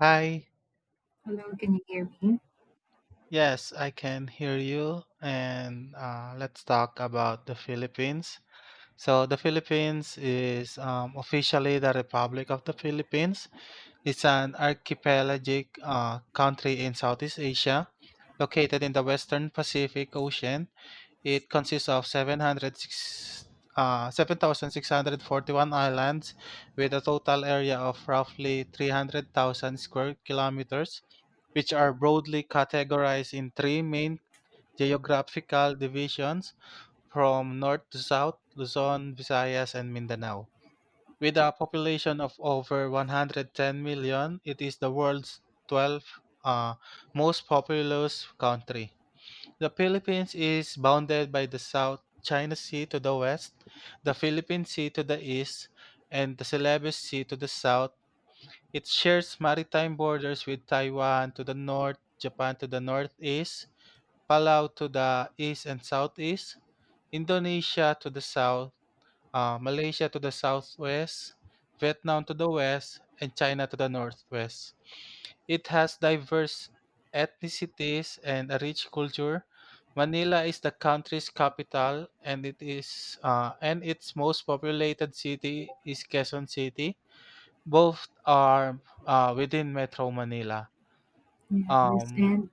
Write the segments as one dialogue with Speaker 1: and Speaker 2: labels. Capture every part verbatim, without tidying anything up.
Speaker 1: Hi,
Speaker 2: Hello, can you hear me?
Speaker 1: yes, I can hear you. And uh, let's talk about the Philippines. So, the Philippines is um, officially the Republic of the Philippines. It's an archipelagic uh, country in Southeast Asia, located in the Western Pacific Ocean. It consists of seven hundred six, uh, seven thousand six hundred forty-one islands with a total area of roughly three hundred thousand square kilometers, which are broadly categorized in three main geographical divisions: from north to south, Luzon, Visayas, and Mindanao. With a population of over one hundred ten million, it is the world's twelfth uh, most populous country. The Philippines is bounded by the South China Sea to the west, the Philippine Sea to the east, and the Celebes Sea to the south. It shares maritime borders with Taiwan to the north, Japan to the northeast, Palau to the east and southeast, Indonesia to the south, uh, Malaysia to the southwest, Vietnam to the west, and China to the northwest. It has diverse ethnicities and a rich culture. Manila is the country's capital, and it is uh, and its most populated city is Quezon City. Both are uh, within Metro Manila.
Speaker 2: Yes.
Speaker 1: Um,
Speaker 2: And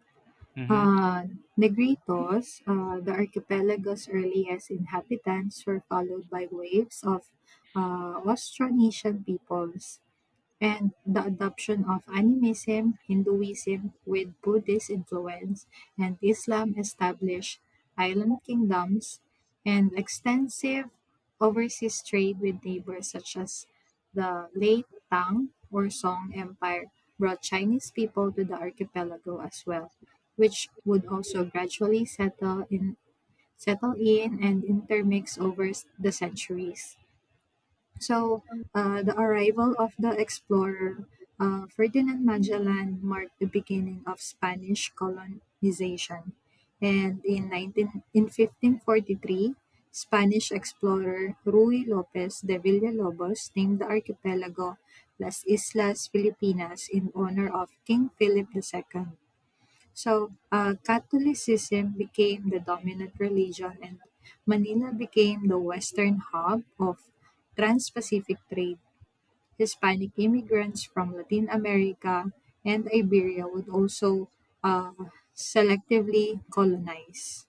Speaker 1: mhm.
Speaker 2: uh, Negritos, uh, the archipelago's earliest inhabitants were followed by waves of uh, Austronesian peoples, and the adoption of animism, Hinduism with Buddhist influence, and Islam established island kingdoms and extensive overseas trade with neighbors such as the late Tang or Song Empire brought Chinese people to the archipelago as well, which would also gradually settle in settle in and intermix over the centuries. So, uh, the arrival of the explorer uh, Ferdinand Magellan marked the beginning of Spanish colonization. And in, nineteen, in fifteen forty-three, Spanish explorer Ruy Lopez de Villalobos named the archipelago Las Islas Filipinas in honor of King Philip the second. So uh, Catholicism became the dominant religion, and Manila became the western hub of trans Pacific trade. Hispanic immigrants from Latin America and Iberia would also uh, selectively colonize.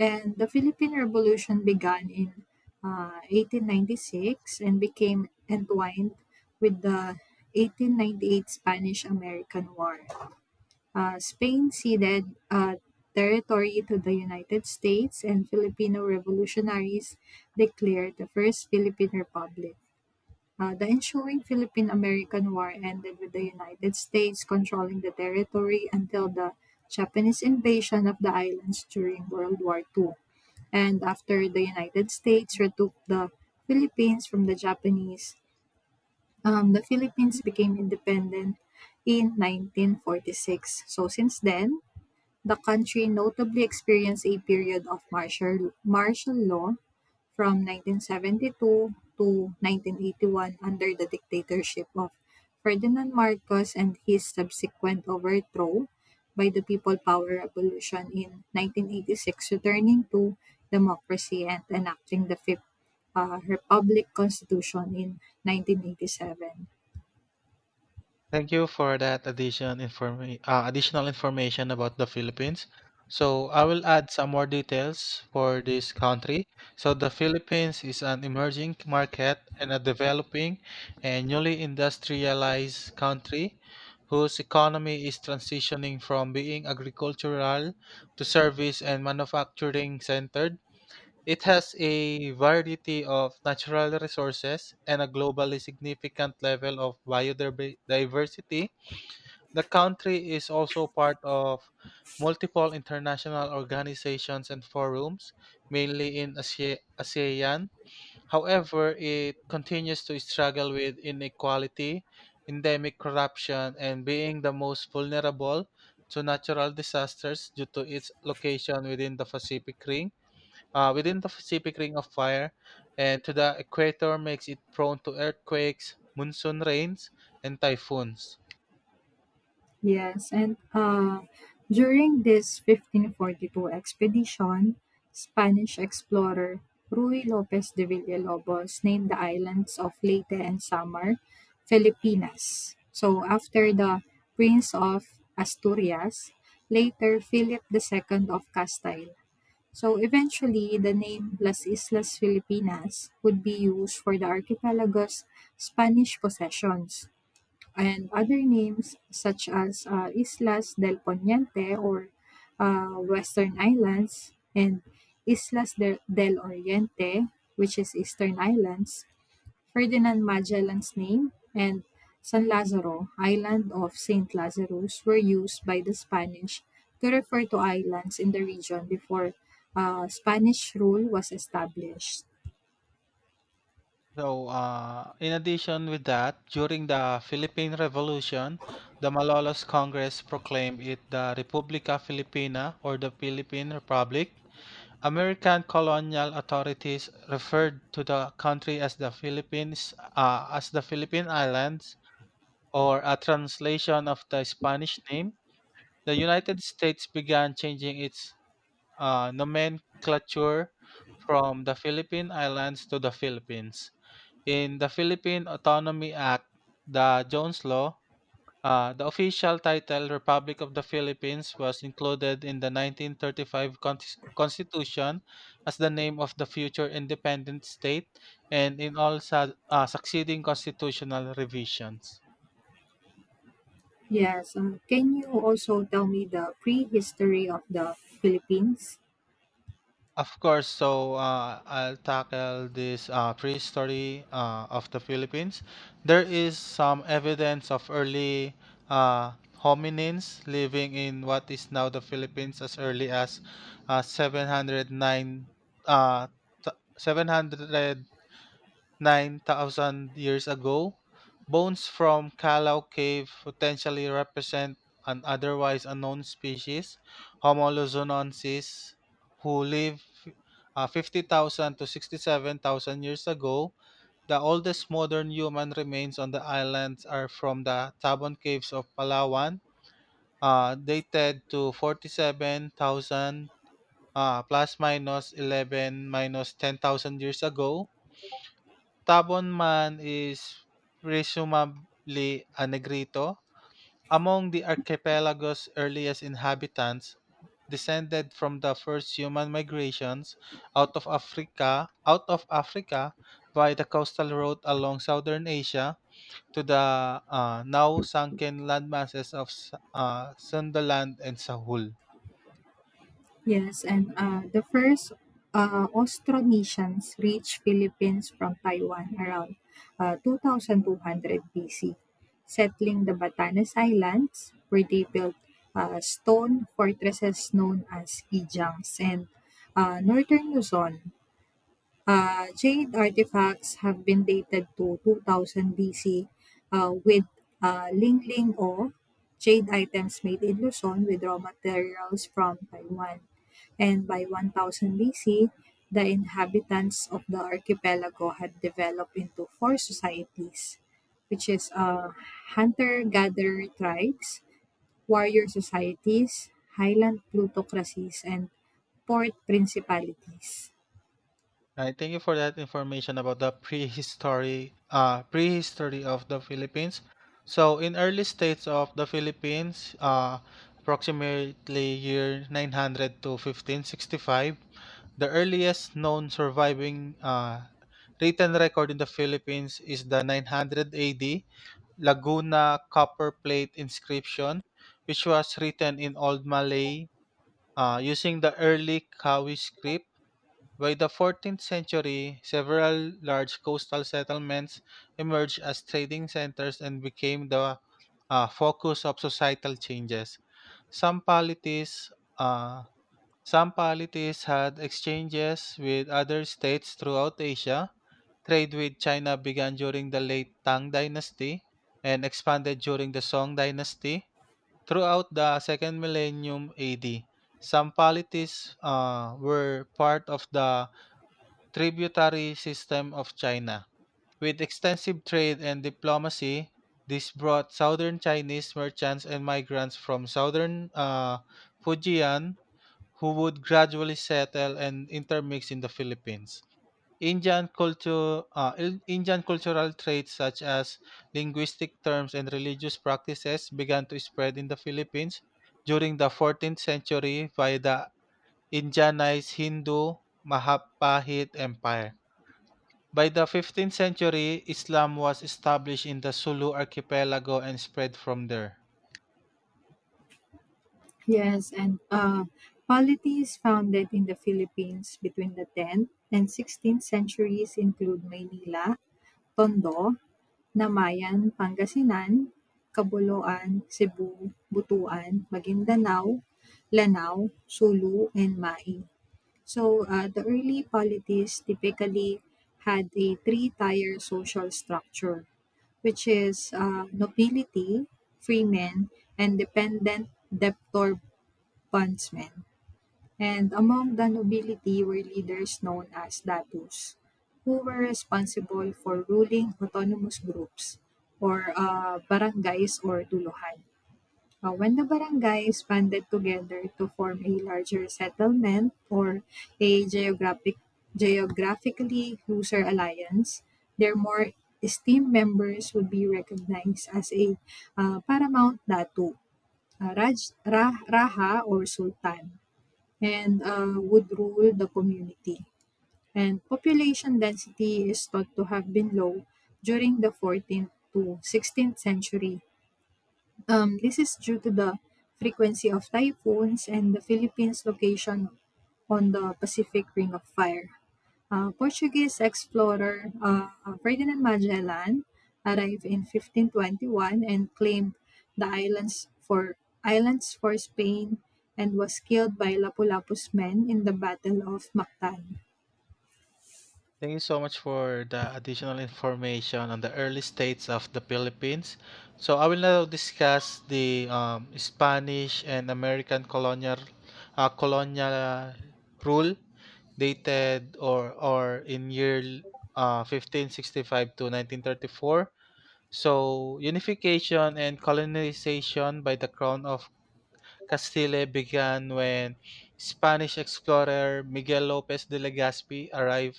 Speaker 2: And the Philippine Revolution began in uh, eighteen ninety-six and became entwined with the eighteen ninety-eight Spanish American War. Uh, Spain ceded uh, territory to the United States, and Filipino revolutionaries declared the First Philippine Republic. Uh, the ensuing Philippine American War ended with the United States controlling the territory until the Japanese invasion of the islands during World War two. And after the United States retook the Philippines from the Japanese, um, the Philippines became independent in nineteen forty-six. So since then, the country notably experienced a period of martial, martial law from nineteen seventy-two to nineteen eighty-one under the dictatorship of Ferdinand Marcos and his subsequent overthrow by the People Power Revolution in nineteen eighty-six, returning to democracy and enacting the Fifth uh, Republic Constitution in nineteen eighty-seven.
Speaker 1: Thank you for that addition informa- uh, additional information about the Philippines. So I will add some more details for this country. So the Philippines is an emerging market and a developing and newly industrialized country whose economy is transitioning from being agricultural to service and manufacturing centered. It has a variety of natural resources and a globally significant level of biodiversity. The country is also part of multiple international organizations and forums, mainly in A S E- ASEAN. However, it continues to struggle with inequality, endemic corruption, and being the most vulnerable to natural disasters due to its location within the Pacific Ring uh, within the Pacific Ring of Fire, and to the equator makes it prone to earthquakes, monsoon rains, and typhoons.
Speaker 2: Yes, and uh, during this fifteen forty-two expedition, Spanish explorer Ruy Lopez de Villalobos named the islands of Leyte and Samar Filipinas, so, after the Prince of Asturias, later Philip the Second of Castile. So, eventually, the name Las Islas Filipinas would be used for the archipelago's Spanish possessions and other names such as uh, Islas del Poniente or uh, Western Islands and Islas del, del Oriente, which is Eastern Islands, Ferdinand Magellan's name, and San Lazaro, island of Saint Lazarus, were used by the Spanish to refer to islands in the region before uh, Spanish rule was established.
Speaker 1: So, uh, in addition with that, during the Philippine Revolution, the Malolos Congress proclaimed it the Republica Filipina or the Philippine Republic. American colonial authorities referred to the country as the Philippines, uh, as the Philippine Islands, or a translation of the Spanish name. The United States began changing its uh, nomenclature from the Philippine Islands to the Philippines. In the Philippine Autonomy Act, the Jones Law, uh, the official title Republic of the Philippines was included in the nineteen thirty-five con- Constitution as the name of the future independent state and in all su- uh, succeeding constitutional revisions.
Speaker 2: Yes, uh, can you also tell me the prehistory of the Philippines?
Speaker 1: Of course, so uh, I'll tackle this uh, prehistory uh, of the Philippines. There is some evidence of early uh, hominins living in what is now the Philippines as early as uh, seven hundred nine uh, th- seven hundred nine thousand years ago. Bones from Calao Cave potentially represent an otherwise unknown species, Homo luzonensis, who lived uh, fifty thousand to sixty-seven thousand years ago. The oldest modern human remains on the islands are from the Tabon Caves of Palawan, uh, dated to forty-seven thousand, uh, plus minus eleven minus ten thousand years ago. Tabon Man is presumably a Negrito, among the archipelago's earliest inhabitants, descended from the first human migrations out of Africa, out of Africa by the coastal route along southern Asia to the uh, now sunken landmasses of S- uh, Sundaland and Sahul.
Speaker 2: Yes, and uh, the first uh, Austronesians reached Philippines from Taiwan around uh, two thousand two hundred B C, settling the Batanes Islands, where they built uh, stone fortresses known as ijangs, and uh, northern Luzon, uh, jade artifacts have been dated to two thousand B C uh, with uh, Ling Ling O, jade items made in Luzon with raw materials from Taiwan. And by one thousand B C, the inhabitants of the archipelago had developed into four societies, which is uh, hunter-gatherer tribes, warrior societies, highland plutocracies, and port principalities.
Speaker 1: Right, thank you for that information about the prehistory uh, prehistory of the Philippines. So, in early states of the Philippines, uh, approximately year nine hundred to fifteen sixty-five, the earliest known surviving uh, written record in the Philippines is the nine hundred A D Laguna copper plate inscription, which was written in Old Malay uh, using the early Kawi script. By the fourteenth century, several large coastal settlements emerged as trading centers and became the uh, focus of societal changes. Some polities uh, some polities had exchanges with other states throughout Asia. Trade with China began during the late Tang Dynasty and expanded during the Song Dynasty. Throughout the second millennium A D, some polities uh, were part of the tributary system of China. With extensive trade and diplomacy, this brought southern Chinese merchants and migrants from southern uh, Fujian, who would gradually settle and intermix in the Philippines. Indian culture, uh, Il- Indian cultural traits such as linguistic terms and religious practices began to spread in the Philippines during the fourteenth century by the Indianized Hindu Mahapahit Empire. By the fifteenth century, Islam was established in the Sulu archipelago and spread from there.
Speaker 2: Yes, and uh, polity is founded in the Philippines between the tenth and sixteenth centuries include Maynila, Tondo, Namayan, Pangasinan, Caboloan, Cebu, Butuan, Maguindanao, Lanao, Sulu, and Mai. So uh, the early polities typically had a three-tier social structure which is uh, nobility, freemen, and dependent debtor Huntsmen, and among the nobility were leaders known as datus, who were responsible for ruling autonomous groups or uh, barangays or tuluhan. Uh, when the barangays banded together to form a larger settlement or a geographic, geographically closer alliance, their more esteemed members would be recognized as a uh, paramount datu, uh, Raj, Ra- Raha or Sultan, and uh, would rule the community. And population density is thought to have been low during the fourteenth to sixteenth century, um, this is due to the frequency of typhoons and the Philippines' location on the Pacific Ring of Fire. Uh, Portuguese explorer uh, Ferdinand Magellan arrived in fifteen twenty-one and claimed the islands for islands for Spain and was killed by Lapu-Lapu's men in the Battle of Mactan.
Speaker 1: Thank you so much for the additional information on the early states of the Philippines. So I will now discuss the um, Spanish and American colonial uh, colonial rule, dated or or in year uh, fifteen sixty-five to nineteen thirty-four. So unification and colonization by the crown of Castile began when Spanish explorer Miguel Lopez de Legazpi arrived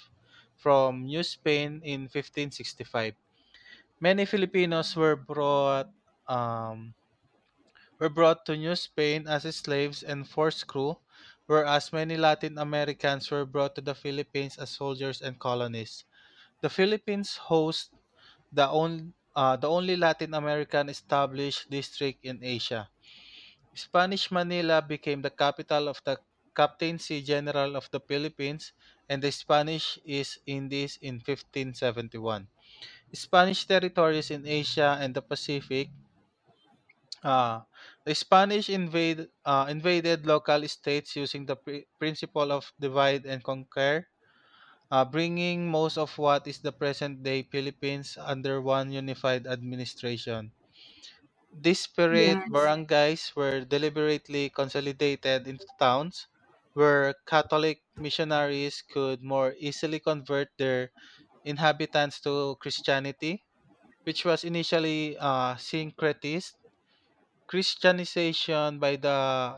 Speaker 1: from New Spain in fifteen sixty-five. Many Filipinos were brought um, were brought to New Spain as slaves and forced crew, whereas many Latin Americans were brought to the Philippines as soldiers and colonists. The Philippines hosts the, on, uh, the only Latin American established district in Asia. Spanish Manila became the capital of the Captaincy General of the Philippines and the Spanish East Indies in fifteen seventy-one. Spanish territories in Asia and the Pacific. ah, the Spanish invade, ah, invaded local states using the pri- principle of divide and conquer, ah, bringing most of what is the present day Philippines under one unified administration. Disparate
Speaker 2: Yes.
Speaker 1: barangays were deliberately consolidated into towns where Catholic missionaries could more easily convert their inhabitants to Christianity, which was initially uh, syncretist. Christianization by the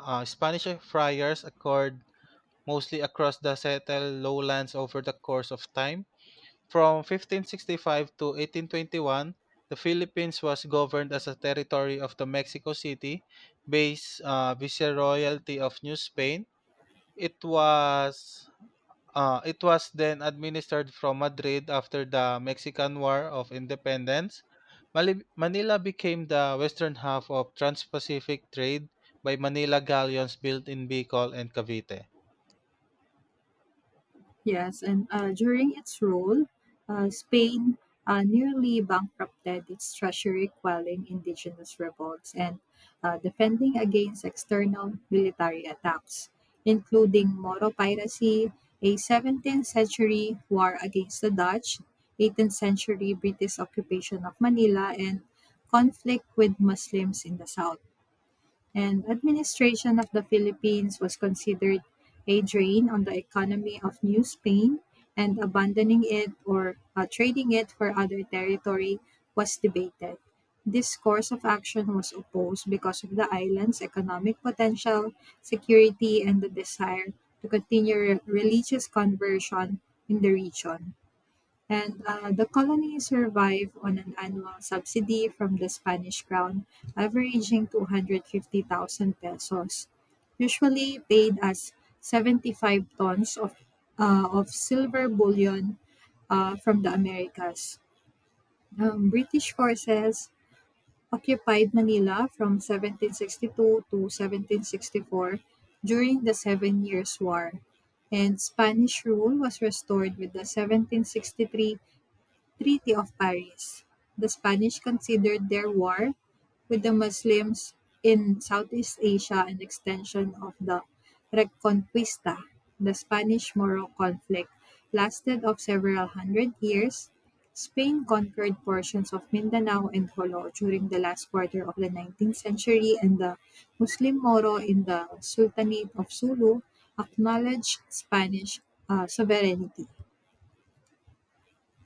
Speaker 1: uh, Spanish friars occurred mostly across the settled lowlands over the course of time. From fifteen sixty-five to eighteen twenty-one, the Philippines was governed as a territory of the Mexico City based uh, viceroyalty of New Spain. It was Uh, it was then administered from Madrid after the Mexican War of Independence. Mali- Manila became the western half of trans-Pacific trade by Manila galleons built in Bicol and Cavite.
Speaker 2: Yes, and uh, during its rule, uh, Spain uh, nearly bankrupted its treasury, quelling indigenous revolts and uh, defending against external military attacks, including Moro piracy, a seventeenth century war against the Dutch, eighteenth century British occupation of Manila, and conflict with Muslims in the south, and administration of the Philippines was considered a drain on the economy of New Spain, and abandoning it or uh, trading it for other territory was debated. This course of action was opposed because of the island's economic potential, security, and the desire to continue re- religious conversion in the region. And uh, the colony survived on an annual subsidy from the Spanish crown, averaging two hundred fifty thousand pesos, usually paid as seventy-five tons of, uh, of silver bullion uh, from the Americas. Um, British forces occupied Manila from seventeen sixty-two to seventeen sixty-four during the Seven Years' War, and Spanish rule was restored with the seventeen sixty-three Treaty of Paris. The Spanish considered their war with the Muslims in Southeast Asia an extension of the Reconquista. The Spanish-Moro conflict lasted of several hundred years. Spain conquered portions of Mindanao and Jolo during the last quarter of the nineteenth century, and the Muslim Moro in the Sultanate of Sulu acknowledged Spanish uh, sovereignty.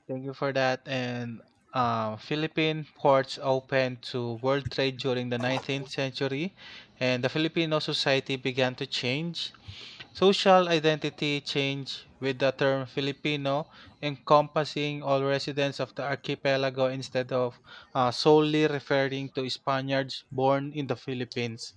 Speaker 1: Thank you for that. And uh, Philippine ports opened to world trade during the nineteenth century, and the Filipino society began to change. Social identity changed with the term Filipino encompassing all residents of the archipelago instead of uh, solely referring to Spaniards born in the Philippines.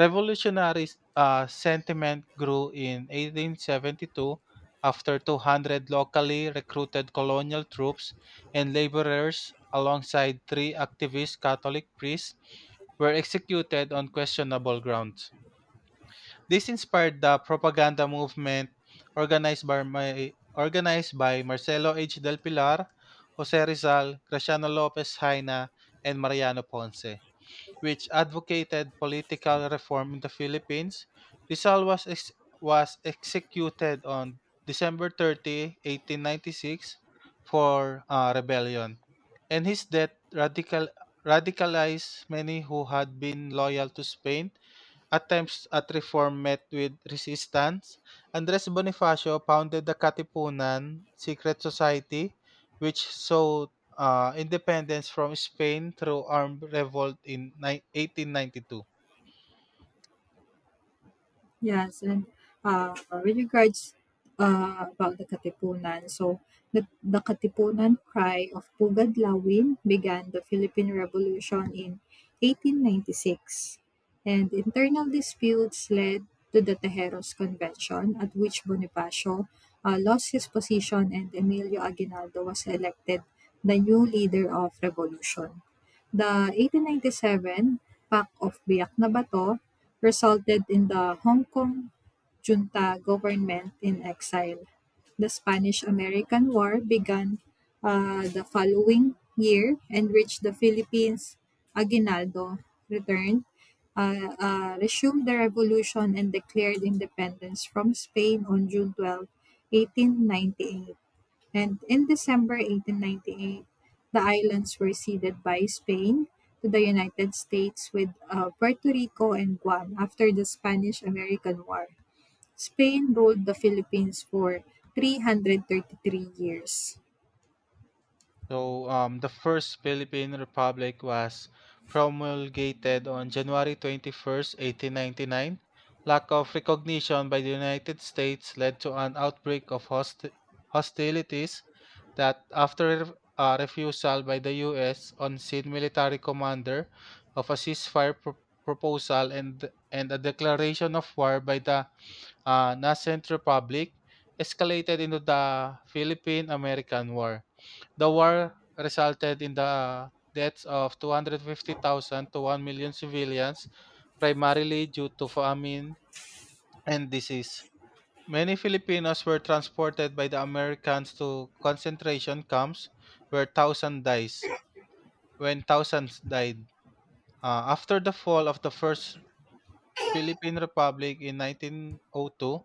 Speaker 1: Revolutionary uh, sentiment grew in eighteen seventy-two after two hundred locally recruited colonial troops and laborers, alongside three activist Catholic priests, were executed on questionable grounds. This inspired the propaganda movement organized by, my, organized by Marcelo H. Del Pilar, Jose Rizal, Graciano Lopez Haina, and Mariano Ponce, which advocated political reform in the Philippines. Rizal was, ex- was executed on December thirtieth, eighteen ninety-six for uh, rebellion, and his death radical, radicalized many who had been loyal to Spain. Attempts at reform met with resistance. Andres Bonifacio founded the Katipunan secret society, which sought uh, independence from Spain through armed revolt in ni- eighteen ninety-two.
Speaker 2: Yes, and, uh, with regards, uh, about the Katipunan, so the the Katipunan Cry of Pugadlawin began the Philippine Revolution in eighteen ninety-six, and internal disputes led to the Tejeros Convention, at which Bonifacio, uh, lost his position and Emilio Aguinaldo was elected the new leader of revolution. The eighteen ninety-seven Pact of Biak na Bato resulted in the Hong Kong junta government in exile. The Spanish-American War began uh, the following year and reached the Philippines. Aguinaldo returned, uh, uh, resumed the revolution, and declared independence from Spain on June twelfth, eighteen ninety-eight. And in December eighteen ninety-eight, the islands were ceded by Spain to the United States with uh, Puerto Rico and Guam after the Spanish American War. Spain ruled the Philippines for three hundred thirty-three years.
Speaker 1: So um, the first Philippine Republic was promulgated on January twenty-first, eighteen ninety-nine. Lack of recognition by the United States led to an outbreak of hosti- hostilities that, after a refusal by the U S on scene military commander of a ceasefire pro- proposal and and a declaration of war by the uh, nascent republic, escalated into the Philippine American War. The war resulted in the deaths of two hundred fifty thousand to one million civilians, primarily due to famine and disease. Many Filipinos were transported by the Americans to concentration camps where thousands dies when thousands died. Uh, after the fall of the first Philippine Republic in nineteen oh two,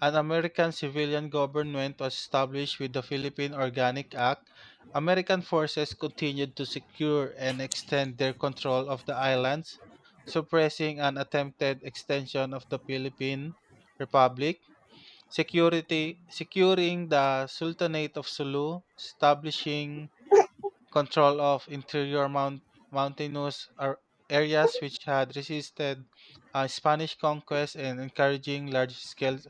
Speaker 1: an American civilian government was established with the Philippine Organic Act. American forces continued to secure and extend their control of the islands, suppressing an attempted extension of the Philippine Republic, security, securing the Sultanate of Sulu, establishing control of interior mount- mountainous ar- areas which had resisted uh, Spanish conquest and encouraging large-scale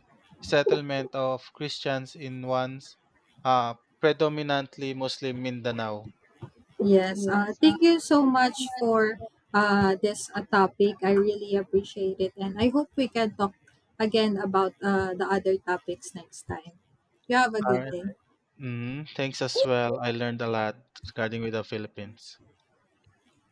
Speaker 1: settlement of Christians in once uh, predominantly Muslim Mindanao.
Speaker 2: Yes, uh, thank you so much for uh, this uh, topic. I really appreciate it, and I hope we can talk again about uh, the other topics next time. You have a good
Speaker 1: Alright.
Speaker 2: day.
Speaker 1: Mm, thanks as well. I learned a lot regarding with the Philippines.